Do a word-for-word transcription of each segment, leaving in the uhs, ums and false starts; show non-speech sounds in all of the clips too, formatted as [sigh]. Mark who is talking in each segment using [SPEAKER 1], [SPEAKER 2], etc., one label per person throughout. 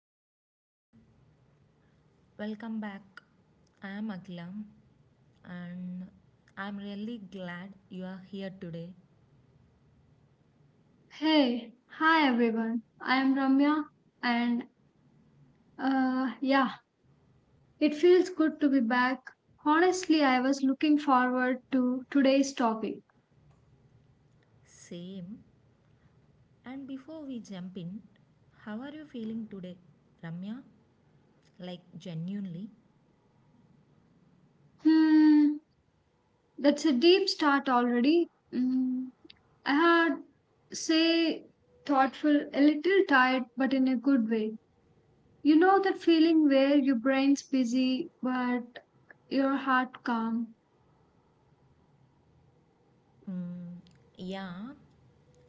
[SPEAKER 1] hi everyone, welcome back. I am Akhila and I am really glad you are here today.
[SPEAKER 2] Hey, hi everyone. I am Ramya and uh yeah, it feels good to be back. Honestly, I was looking forward to today's topic.
[SPEAKER 1] Same. And before we jump in, how are you feeling today, Ramya? Like, genuinely?
[SPEAKER 2] Hmm, that's a deep start already. Mm, I had say thoughtful, a little tired, but in a good way. You know that feeling where your brain's busy but your heart calm.
[SPEAKER 1] Mm, yeah,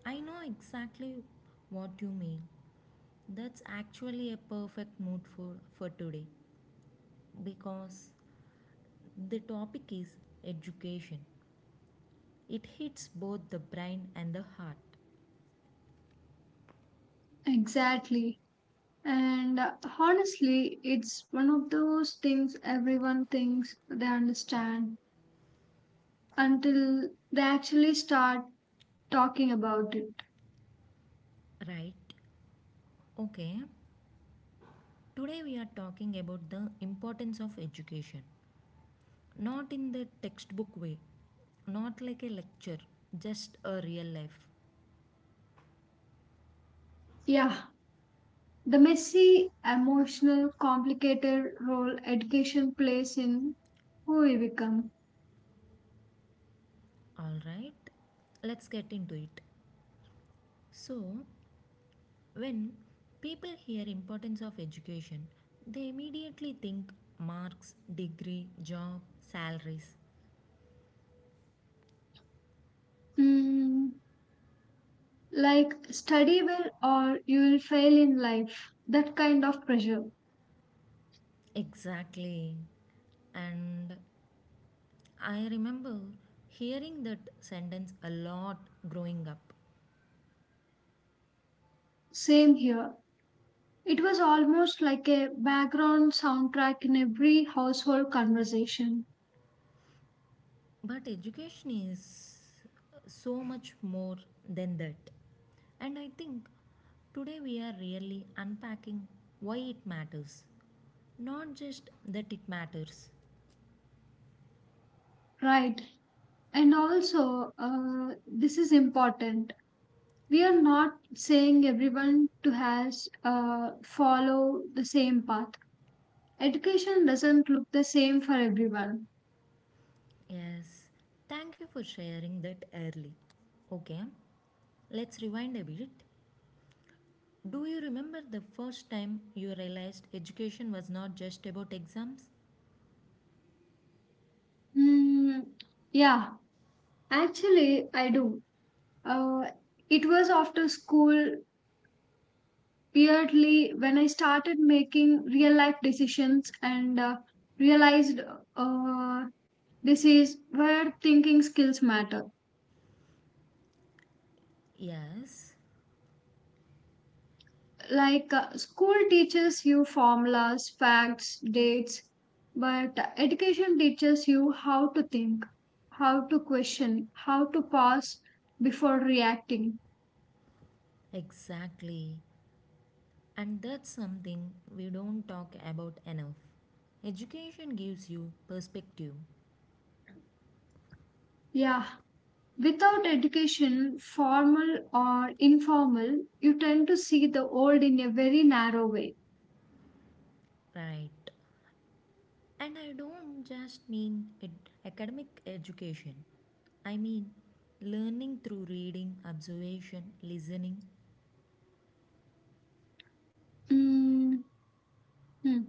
[SPEAKER 1] I know exactly what you mean. That's actually a perfect mood for, for today because the topic is education. It hits both the brain and the heart,
[SPEAKER 2] Exactly. And uh, honestly, it's one of those things everyone thinks they understand until they actually start talking about it.
[SPEAKER 1] right? Okay, today we are talking about the importance of education. Not in the textbook way, not like a lecture, just a real life.
[SPEAKER 2] Yeah, the messy, emotional, complicated role education plays in who we become.
[SPEAKER 1] Alright, let's get into it. So, when people hear importance of education, they immediately think marks, degree, job, salaries.
[SPEAKER 2] Mm, like, study well or you will fail in life, that kind of pressure.
[SPEAKER 1] Exactly, and I remember hearing that sentence a lot growing up.
[SPEAKER 2] Same here. It was almost like a background soundtrack in every household conversation.
[SPEAKER 1] But education is so much more than that. And I think today we are really unpacking why it matters, not just that it matters.
[SPEAKER 2] Right. And also, uh, this is important. We are not saying everyone to has uh, follow the same path. Education doesn't look the same for everyone.
[SPEAKER 1] Yes, thank you for sharing that early. Okay, let's rewind a bit. Do you remember the first time you realized education was not just about exams?
[SPEAKER 2] Mm, yeah, actually, I do. Uh, it was after school, weirdly, when I started making real life decisions and uh, realized uh, this is where thinking skills matter.
[SPEAKER 1] Yes,
[SPEAKER 2] Like uh, school teaches you formulas, facts, dates, but education teaches you how to think, how to question, how to pause before reacting.
[SPEAKER 1] Exactly. And that's something we don't talk about enough. Education gives you perspective,
[SPEAKER 2] Yeah. Without education, formal or informal, you tend to see the old in a very narrow way.
[SPEAKER 1] right? And I don't just mean ed- academic education. I mean learning through reading, observation, listening.
[SPEAKER 2] Mm, hmm.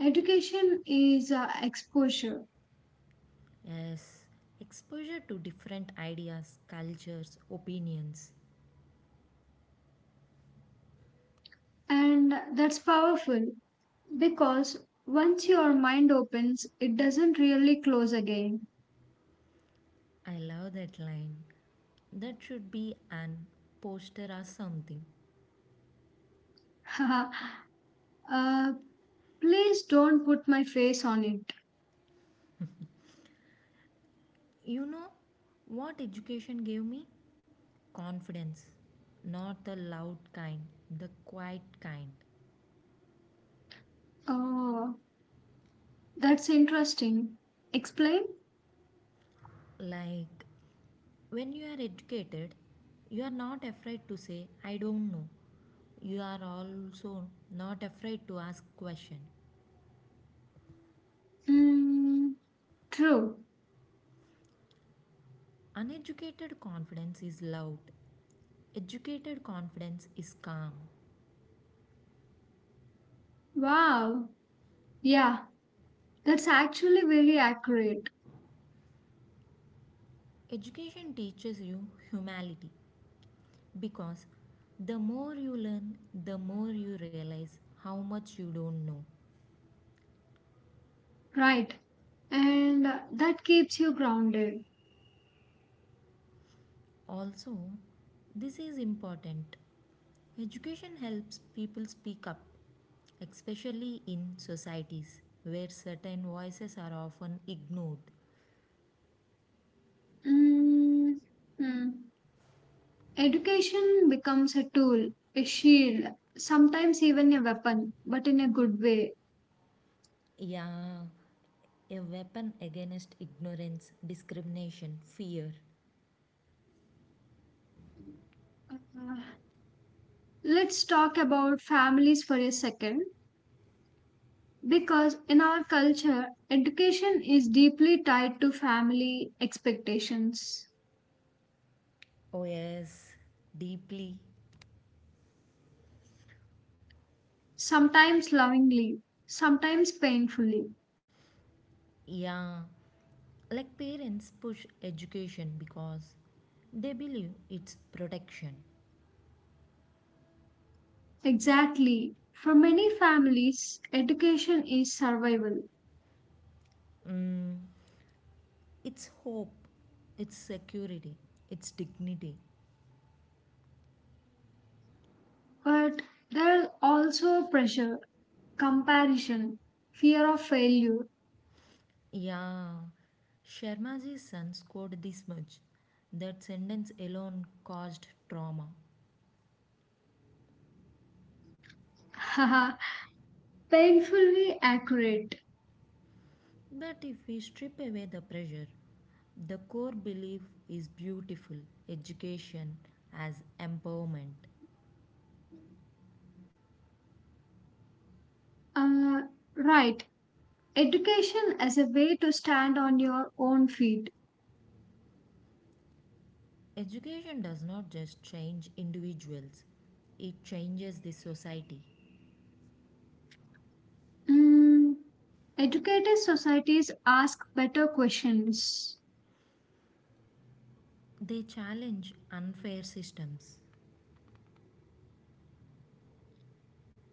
[SPEAKER 2] Education is uh, exposure.
[SPEAKER 1] Yes, exposure to different ideas, cultures, opinions.
[SPEAKER 2] And that's powerful because once your mind opens, it doesn't really close again.
[SPEAKER 1] I love that line. That should be an poster or something.
[SPEAKER 2] [laughs] uh, please don't put my face on it.
[SPEAKER 1] You know what education gave me? Confidence, not the loud kind, the quiet kind.
[SPEAKER 2] Oh, that's interesting. Explain?
[SPEAKER 1] Like when you are educated, you are not afraid to say, I don't know. You are also not afraid to ask question.
[SPEAKER 2] Mm, true.
[SPEAKER 1] Uneducated confidence is loud. Educated confidence is calm.
[SPEAKER 2] Wow. Yeah, that's actually very accurate.
[SPEAKER 1] Education teaches you humility because the more you learn, the more you realize how much you don't know.
[SPEAKER 2] Right. And uh, that keeps you grounded.
[SPEAKER 1] Also, this is important. Education helps people speak up, especially in societies where certain voices are often ignored.
[SPEAKER 2] Mm, mm. Education becomes a tool, a shield, sometimes even a weapon, but in a good way.
[SPEAKER 1] Yeah, a weapon against ignorance, discrimination, fear.
[SPEAKER 2] Uh, let's talk about families for a second. Because in our culture, education is deeply tied to family expectations,
[SPEAKER 1] Oh, yes, deeply.
[SPEAKER 2] sometimes lovingly, sometimes painfully.
[SPEAKER 1] Yeah, like parents push education because they believe it's protection,
[SPEAKER 2] Exactly. For many families, education is survival,
[SPEAKER 1] It's hope, it's security, it's dignity.
[SPEAKER 2] but there is also pressure, comparison, fear of failure.
[SPEAKER 1] Yeah, Sharmaji's son scored this much. That sentence alone caused trauma.
[SPEAKER 2] [laughs] Haha, painfully accurate.
[SPEAKER 1] But if we strip away the pressure, the core belief is beautiful, education as empowerment.
[SPEAKER 2] Uh, right. Education as a way to stand on your own feet.
[SPEAKER 1] Education does not just change individuals, it changes the society.
[SPEAKER 2] Mm, educated societies ask better questions.
[SPEAKER 1] They challenge unfair systems.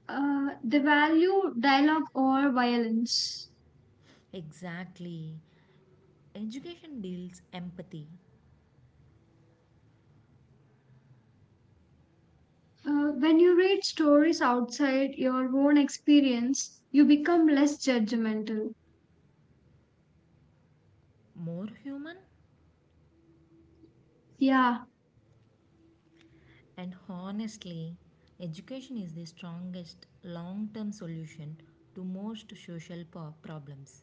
[SPEAKER 2] Uh, they value dialogue over violence.
[SPEAKER 1] Exactly. Education builds empathy.
[SPEAKER 2] Uh, when you read stories outside your own experience, you become less judgmental.
[SPEAKER 1] More human.
[SPEAKER 2] Yeah.
[SPEAKER 1] And honestly, education is the strongest long term solution to most social po- problems.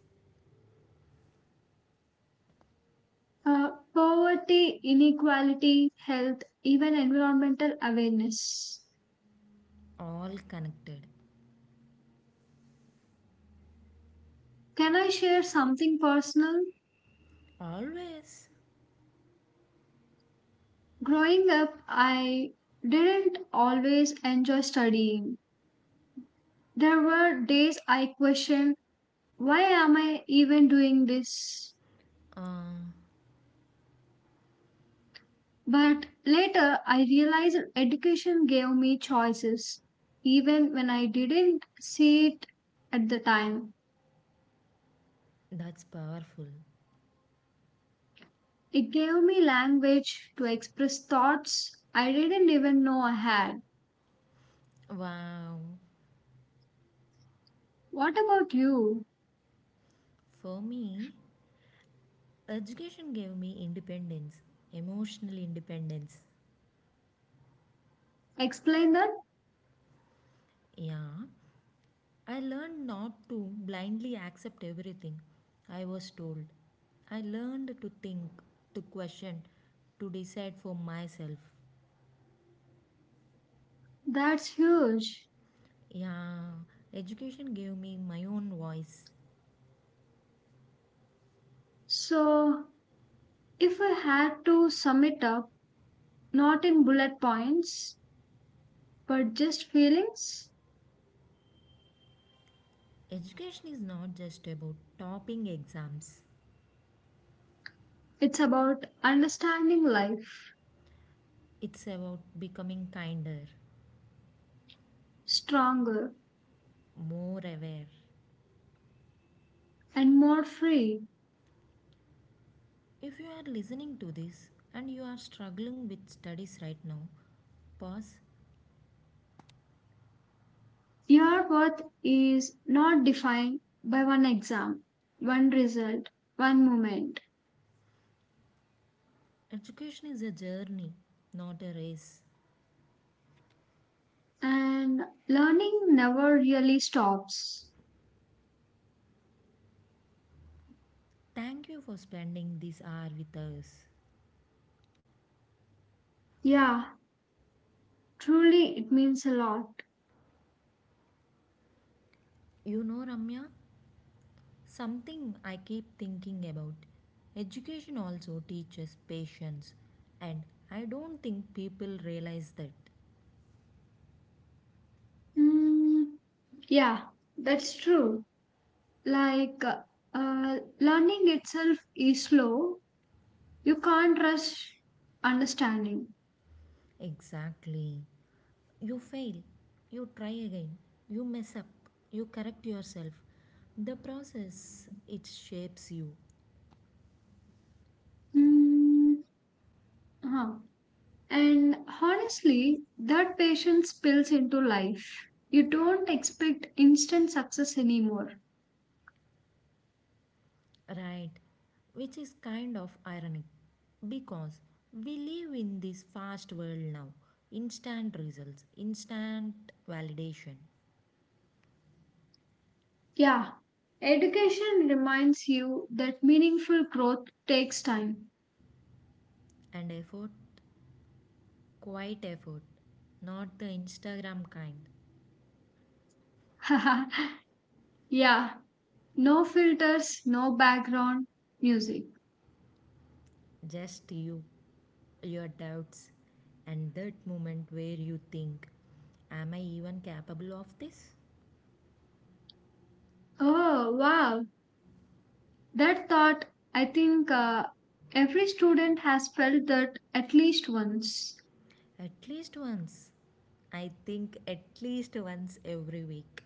[SPEAKER 2] Uh, poverty, inequality, health, even environmental awareness.
[SPEAKER 1] All connected.
[SPEAKER 2] Can I share something personal?
[SPEAKER 1] Always.
[SPEAKER 2] Growing up, I didn't always enjoy studying. There were days I questioned, why am I even doing this?
[SPEAKER 1] Uh,
[SPEAKER 2] But later, I realized education gave me choices, even when I didn't see it at the time.
[SPEAKER 1] that's powerful.
[SPEAKER 2] It gave me language to express thoughts I didn't even know I had.
[SPEAKER 1] Wow.
[SPEAKER 2] What about you?
[SPEAKER 1] For me, education gave me independence, emotional independence.
[SPEAKER 2] Explain that?
[SPEAKER 1] Yeah. I learned not to blindly accept everything I was told. I learned to think, to question, to decide for myself.
[SPEAKER 2] That's huge.
[SPEAKER 1] Yeah, education gave me my own voice.
[SPEAKER 2] So, if I had to sum it up, not in bullet points, but just feelings,
[SPEAKER 1] Education is not just about topping exams,
[SPEAKER 2] it's about understanding life,
[SPEAKER 1] it's about becoming kinder,
[SPEAKER 2] stronger
[SPEAKER 1] more aware.
[SPEAKER 2] and more free.
[SPEAKER 1] If you are listening to this and you are struggling with studies right now, pause.
[SPEAKER 2] Your worth is not defined by one exam, one result, one moment.
[SPEAKER 1] Education is a journey, not a race.
[SPEAKER 2] And learning never really stops.
[SPEAKER 1] Thank you for spending this hour with us.
[SPEAKER 2] Yeah, truly, it means a lot.
[SPEAKER 1] You know, Ramya, something I keep thinking about. Education also teaches patience, and I don't think people realize that.
[SPEAKER 2] Mm, yeah, that's true. Like, uh, learning itself is slow. You can't rush understanding.
[SPEAKER 1] Exactly. You fail, you try again, you mess up, you correct yourself. The process, it shapes you,
[SPEAKER 2] Hmm. huh. And honestly, that patience spills into life. You don't expect instant success anymore.
[SPEAKER 1] right? Which is kind of ironic because we live in this fast world now, instant results, instant validation,
[SPEAKER 2] Yeah. Education reminds you that meaningful growth takes time.
[SPEAKER 1] and effort. Quiet effort, not the Instagram kind.
[SPEAKER 2] [laughs] yeah. No filters, no background music.
[SPEAKER 1] Just you, your doubts, and that moment where you think, am I even capable of this?
[SPEAKER 2] Oh, wow. That thought, I think uh, every student has felt that at least once.
[SPEAKER 1] At least once. I think at least once every week.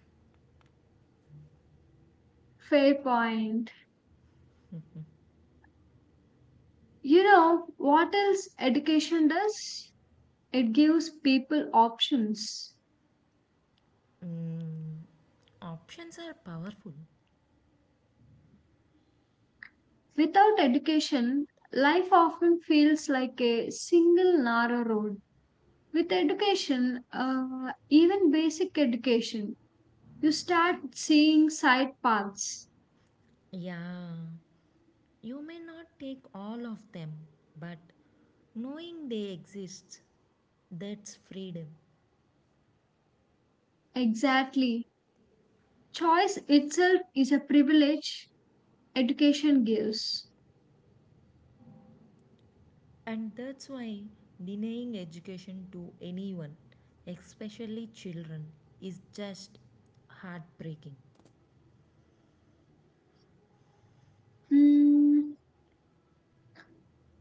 [SPEAKER 2] Fair point. You know what else education does? It gives people options.
[SPEAKER 1] Mm, Options are powerful.
[SPEAKER 2] Without education, life often feels like a single narrow road. With education, uh, even basic education, you start seeing side paths.
[SPEAKER 1] Yeah, you may not take all of them, but knowing they exist, that's freedom.
[SPEAKER 2] Exactly. Choice itself is a privilege education gives.
[SPEAKER 1] And that's why denying education to anyone, especially children, is just heartbreaking.
[SPEAKER 2] Hmm.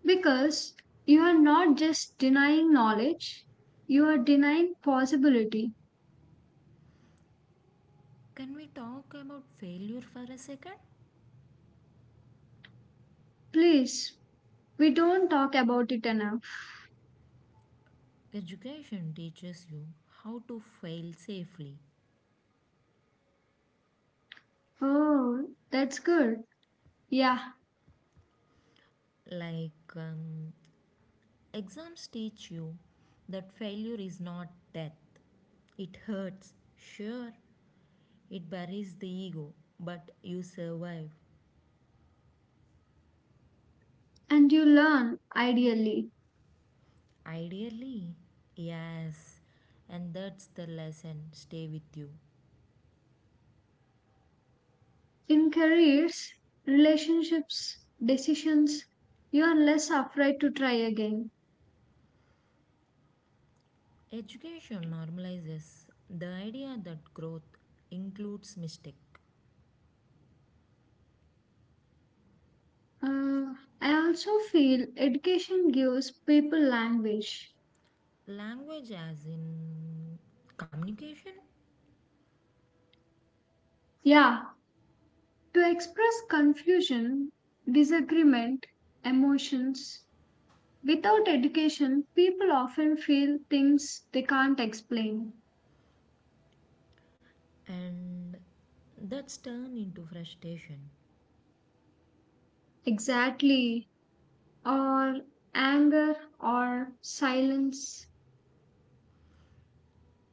[SPEAKER 2] Because you are not just denying knowledge, you are denying possibility.
[SPEAKER 1] Can we talk about failure for a second?
[SPEAKER 2] Please, we don't talk about it enough.
[SPEAKER 1] Education teaches you how to fail safely.
[SPEAKER 2] Oh, that's good. Yeah,
[SPEAKER 1] Like, um, exams teach you that failure is not death. It hurts, sure, it buries the ego, but you survive.
[SPEAKER 2] and you learn ideally.
[SPEAKER 1] Ideally, yes, and that's the lesson stay with you.
[SPEAKER 2] In careers, relationships, decisions, you are less afraid to try again.
[SPEAKER 1] Education normalizes the idea that growth includes mistake,
[SPEAKER 2] Uh, I also feel education gives people language.
[SPEAKER 1] language as in communication,
[SPEAKER 2] Yeah, to express confusion, disagreement, emotions. Without education, people often feel things they can't explain,
[SPEAKER 1] and that's turned into frustration.
[SPEAKER 2] exactly, or anger, or silence,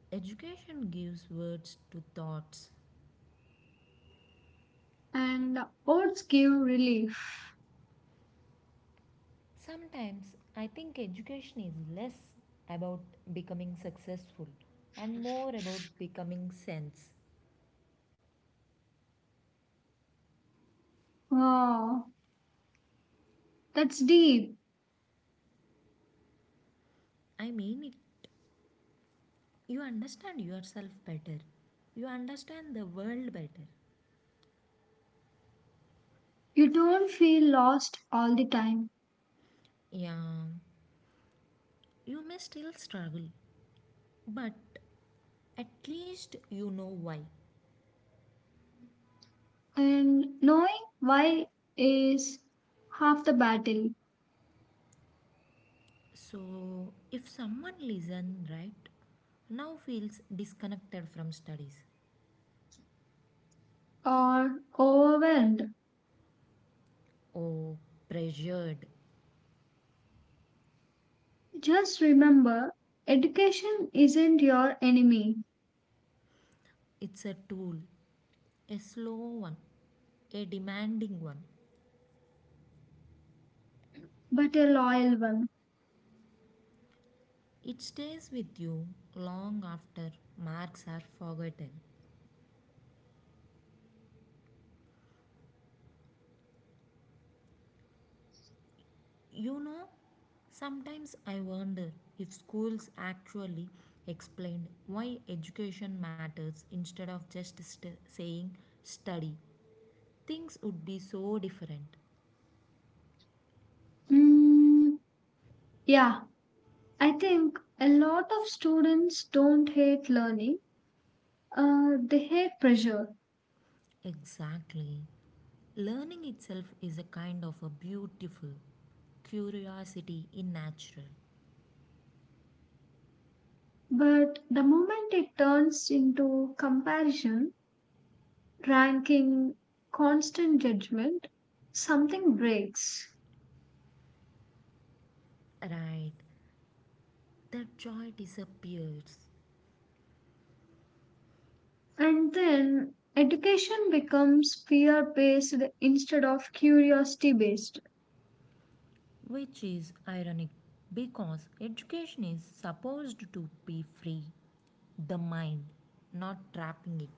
[SPEAKER 1] Education gives words to thoughts.
[SPEAKER 2] and words give relief.
[SPEAKER 1] Sometimes I think education is less about becoming successful and more about becoming sense.
[SPEAKER 2] Wow, that's deep.
[SPEAKER 1] I mean it. You understand yourself better. You understand the world better.
[SPEAKER 2] You don't feel lost all the time,
[SPEAKER 1] Yeah, you may still struggle, but at least you know why.
[SPEAKER 2] and knowing why is half the battle,
[SPEAKER 1] So, if someone listen right now feels disconnected from studies
[SPEAKER 2] or overwhelmed.
[SPEAKER 1] or pressured,
[SPEAKER 2] Just remember education isn't your enemy,
[SPEAKER 1] it's a tool, a slow one, a demanding one.
[SPEAKER 2] but a loyal one.
[SPEAKER 1] It stays with you long after marks are forgotten. You know, sometimes I wonder if schools actually explained why education matters instead of just st- saying study. Things would be so different.
[SPEAKER 2] Mm, Yeah, I think a lot of students don't hate learning, uh, they hate pressure.
[SPEAKER 1] Exactly. Learning itself is a kind of a beautiful curiosity in natural.
[SPEAKER 2] But the moment it turns into comparison, ranking, constant judgment, something breaks.
[SPEAKER 1] Right, that joy disappears,
[SPEAKER 2] And then education becomes fear based instead of curiosity based.
[SPEAKER 1] which is ironic because education is supposed to be free the mind, not trapping it.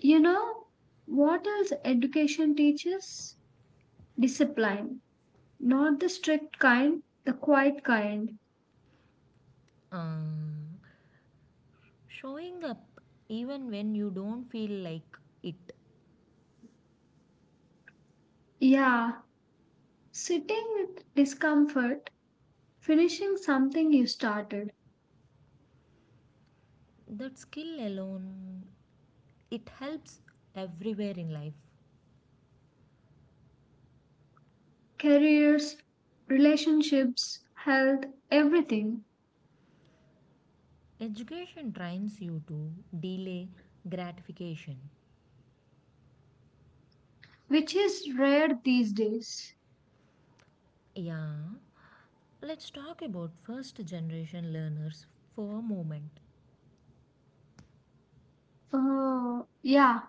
[SPEAKER 2] You know what else education teaches? Discipline. Not the strict kind, the quiet kind.
[SPEAKER 1] Um, showing up even when you don't feel like it.
[SPEAKER 2] Yeah, sitting with discomfort, finishing something you started,
[SPEAKER 1] That skill alone, it helps everywhere in life.
[SPEAKER 2] careers, relationships, health, everything,
[SPEAKER 1] Education trains you to delay gratification.
[SPEAKER 2] which is rare these days.
[SPEAKER 1] Yeah, let's talk about first generation learners for a moment.
[SPEAKER 2] Oh, yeah,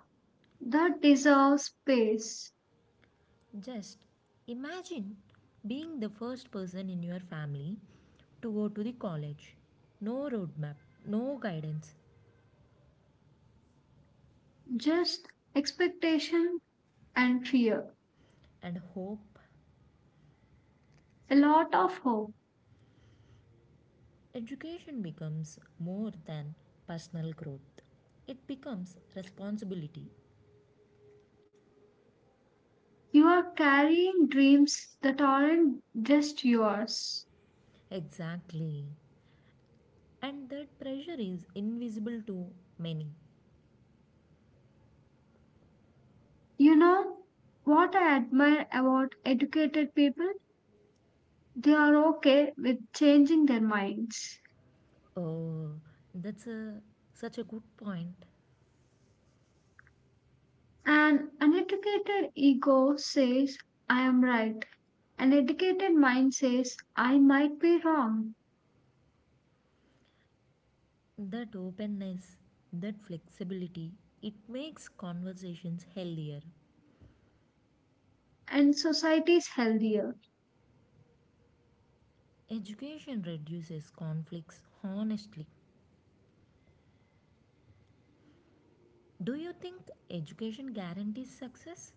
[SPEAKER 2] that deserves space.
[SPEAKER 1] Just imagine being the first person in your family to go to the college. No roadmap, no guidance,
[SPEAKER 2] Just expectation and fear.
[SPEAKER 1] and hope
[SPEAKER 2] A lot of hope.
[SPEAKER 1] education becomes more than personal growth. It becomes responsibility.
[SPEAKER 2] You are carrying dreams that aren't just yours.
[SPEAKER 1] Exactly. And that pressure is invisible to many.
[SPEAKER 2] You know what I admire about educated people? They are okay with changing their minds.
[SPEAKER 1] Oh, that's a, such a good point.
[SPEAKER 2] An uneducated ego says, I am right. An educated mind says, I might be wrong.
[SPEAKER 1] That openness, that flexibility, it makes conversations healthier.
[SPEAKER 2] And society is healthier.
[SPEAKER 1] Education reduces conflicts honestly. Do you think education guarantees success?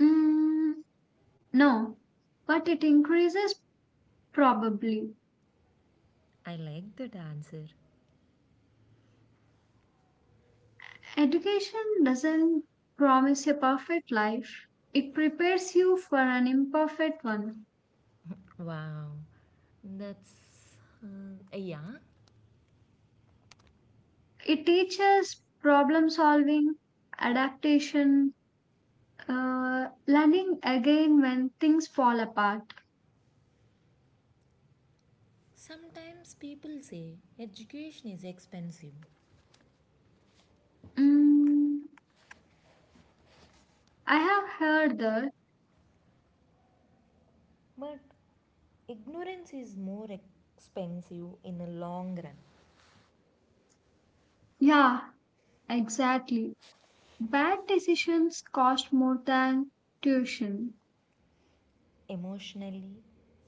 [SPEAKER 2] Mm, no, but it increases probably.
[SPEAKER 1] I like that answer.
[SPEAKER 2] Education doesn't promise a perfect life, it prepares you for an imperfect one.
[SPEAKER 1] Wow, that's um, yeah.
[SPEAKER 2] It teaches problem solving, adaptation, Uh, learning again when things fall apart.
[SPEAKER 1] Sometimes people say education is expensive,
[SPEAKER 2] Mm, I have heard that.
[SPEAKER 1] but ignorance is more expensive in the long run,
[SPEAKER 2] Yeah, exactly. Bad decisions cost more than tuition.
[SPEAKER 1] emotionally,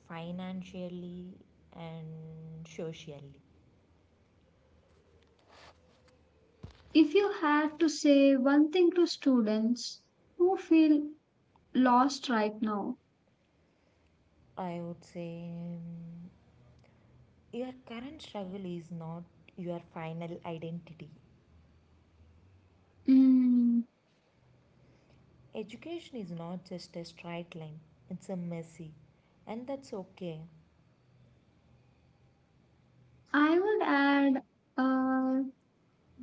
[SPEAKER 1] financially, and socially.
[SPEAKER 2] If you had to say one thing to students who feel lost right now,
[SPEAKER 1] I would say um, your current struggle is not your final identity.
[SPEAKER 2] mm,
[SPEAKER 1] Education is not just a straight line, it's a messy, and that's okay.
[SPEAKER 2] I would add uh,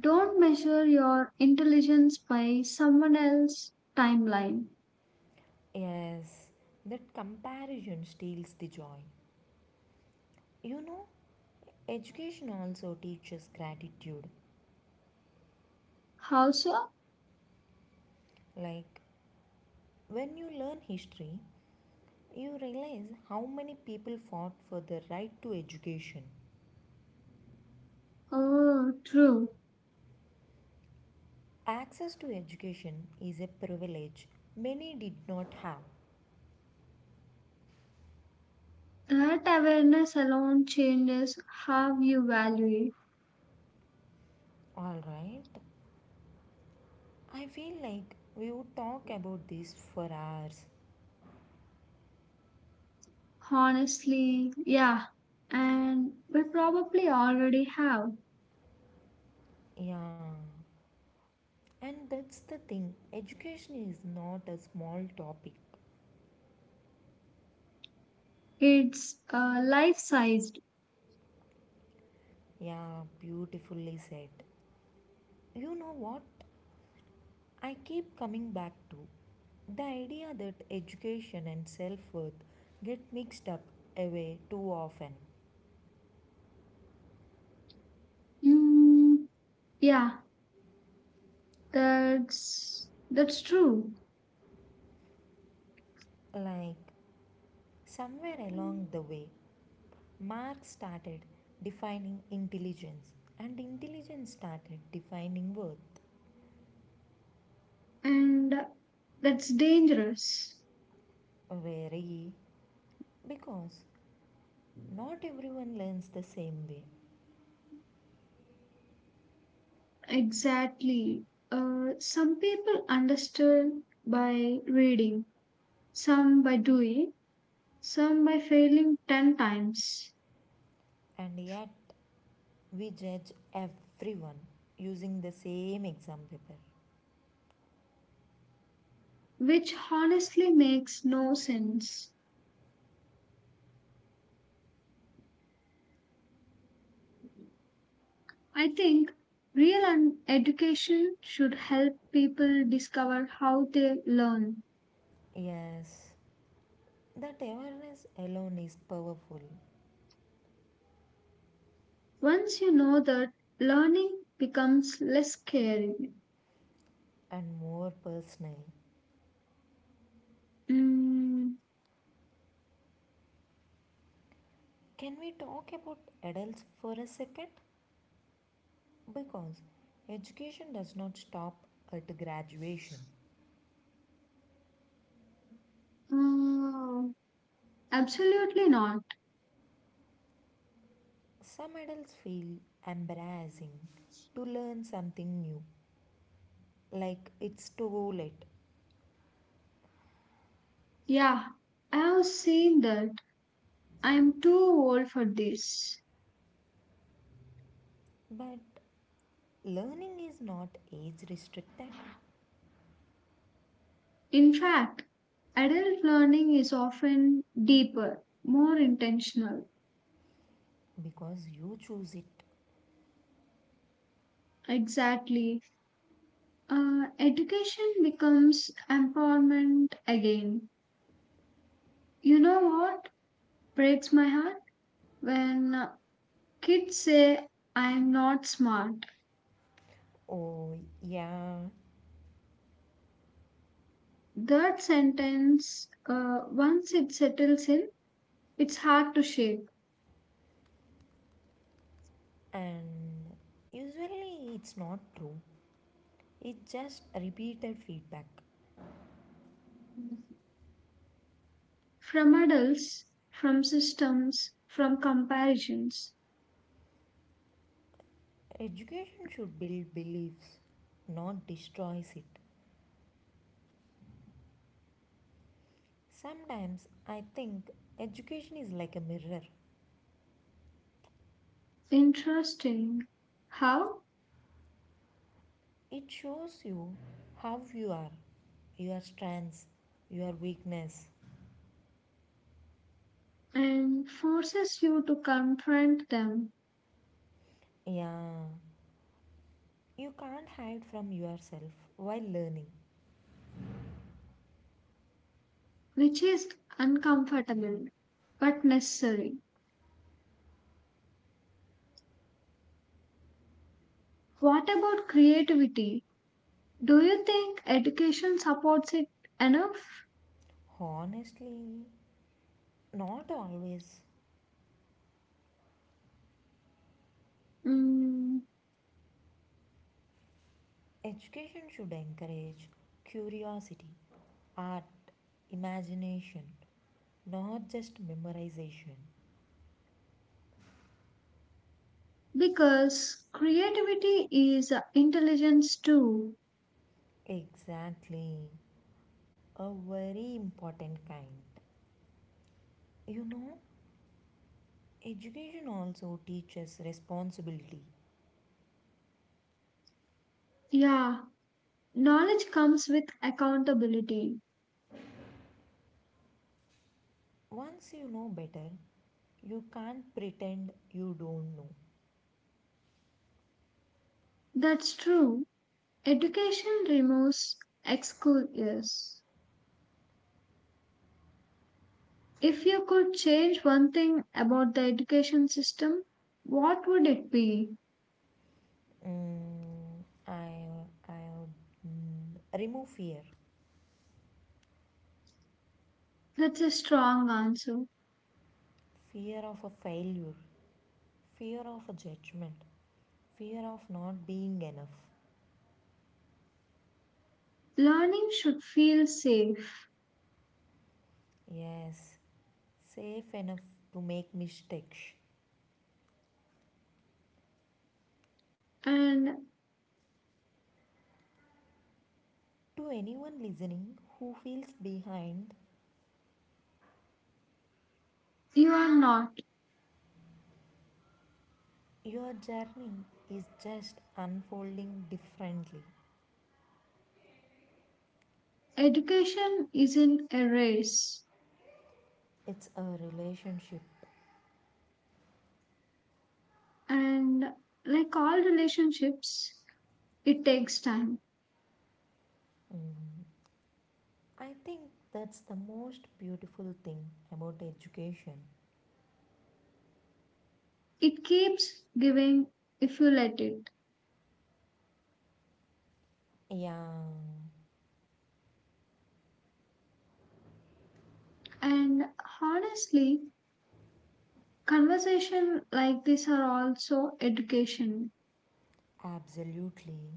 [SPEAKER 2] don't measure your intelligence by someone else's timeline.
[SPEAKER 1] Yes, that comparison steals the joy. You know, education also teaches gratitude.
[SPEAKER 2] How so?
[SPEAKER 1] Like, when you learn history, you realize how many people fought for the right to education.
[SPEAKER 2] Oh, true.
[SPEAKER 1] Access to education is a privilege many did not have.
[SPEAKER 2] That awareness alone changes how you value it.
[SPEAKER 1] Alright, I feel like we would talk about this for hours.
[SPEAKER 2] Honestly, yeah. And we probably already have.
[SPEAKER 1] Yeah, and that's the thing, education is not a small topic.
[SPEAKER 2] It's uh, life sized.
[SPEAKER 1] Yeah, beautifully said. You know what? I keep coming back to the idea that education and self worth get mixed up away too often.
[SPEAKER 2] Mm, yeah, that's that's true.
[SPEAKER 1] Like, somewhere along the way, Marx started defining intelligence, and intelligence started defining worth.
[SPEAKER 2] And that's dangerous.
[SPEAKER 1] Very, because not everyone learns the same way,
[SPEAKER 2] Exactly. Uh, some people understand by reading, some by doing, some by failing ten times,
[SPEAKER 1] and yet we judge everyone using the same exam paper.
[SPEAKER 2] which honestly makes no sense. I think real un- education should help people discover how they learn.
[SPEAKER 1] Yes, that awareness alone is powerful
[SPEAKER 2] Once you know that, learning becomes less scary.
[SPEAKER 1] and more personal.
[SPEAKER 2] Mm,
[SPEAKER 1] Can we talk about adults for a second? Because education does not stop at graduation.
[SPEAKER 2] mm, absolutely not.
[SPEAKER 1] Some adults feel embarrassing to learn something new, like it's too late.
[SPEAKER 2] Yeah, I have seen that. I am too old for this.
[SPEAKER 1] But learning is not age restricted
[SPEAKER 2] In fact, adult learning is often deeper, more intentional.
[SPEAKER 1] because you choose it.
[SPEAKER 2] Exactly. Uh, education becomes empowerment again. You know what breaks my heart? When uh, kids say, I am not smart.
[SPEAKER 1] Oh, yeah,
[SPEAKER 2] That sentence, uh, once it settles in, it's hard to shake.
[SPEAKER 1] and usually it's not true, it's just repeated feedback.
[SPEAKER 2] From adults, from systems, from comparisons.
[SPEAKER 1] Education should build beliefs, not destroys it. Sometimes I think education is like a mirror.
[SPEAKER 2] Interesting how,
[SPEAKER 1] It shows you how you are, your strengths, your weakness.
[SPEAKER 2] and forces you to confront them,
[SPEAKER 1] Yeah, you can't hide from yourself while learning.
[SPEAKER 2] which is uncomfortable but necessary. What about creativity? Do you think education supports it enough?
[SPEAKER 1] Honestly, not always.
[SPEAKER 2] Mm,
[SPEAKER 1] Education should encourage curiosity, art, imagination, not just memorization.
[SPEAKER 2] because creativity is intelligence too.
[SPEAKER 1] Exactly, a very important kind. You know, education also teaches responsibility.
[SPEAKER 2] Yeah, knowledge comes with accountability.
[SPEAKER 1] Once you know better, you can't pretend you don't know.
[SPEAKER 2] That's true. Education removes excuses. If you could change one thing about the education system, what would it be?
[SPEAKER 1] Mm, I, I would mm, remove fear
[SPEAKER 2] That's a strong answer.
[SPEAKER 1] fear of a failure, fear of a judgment, fear of not being enough.
[SPEAKER 2] Learning should feel safe
[SPEAKER 1] Yes, safe enough to make mistakes.
[SPEAKER 2] and
[SPEAKER 1] To anyone listening who feels behind,
[SPEAKER 2] you are not.
[SPEAKER 1] your journey is just unfolding differently.
[SPEAKER 2] Education isn't a race.
[SPEAKER 1] It's a relationship.
[SPEAKER 2] And like all relationships, it takes time.
[SPEAKER 1] I think that's the most beautiful thing about education.
[SPEAKER 2] It keeps giving if you let it.
[SPEAKER 1] Yeah,
[SPEAKER 2] And honestly, conversation like this are also education.
[SPEAKER 1] absolutely.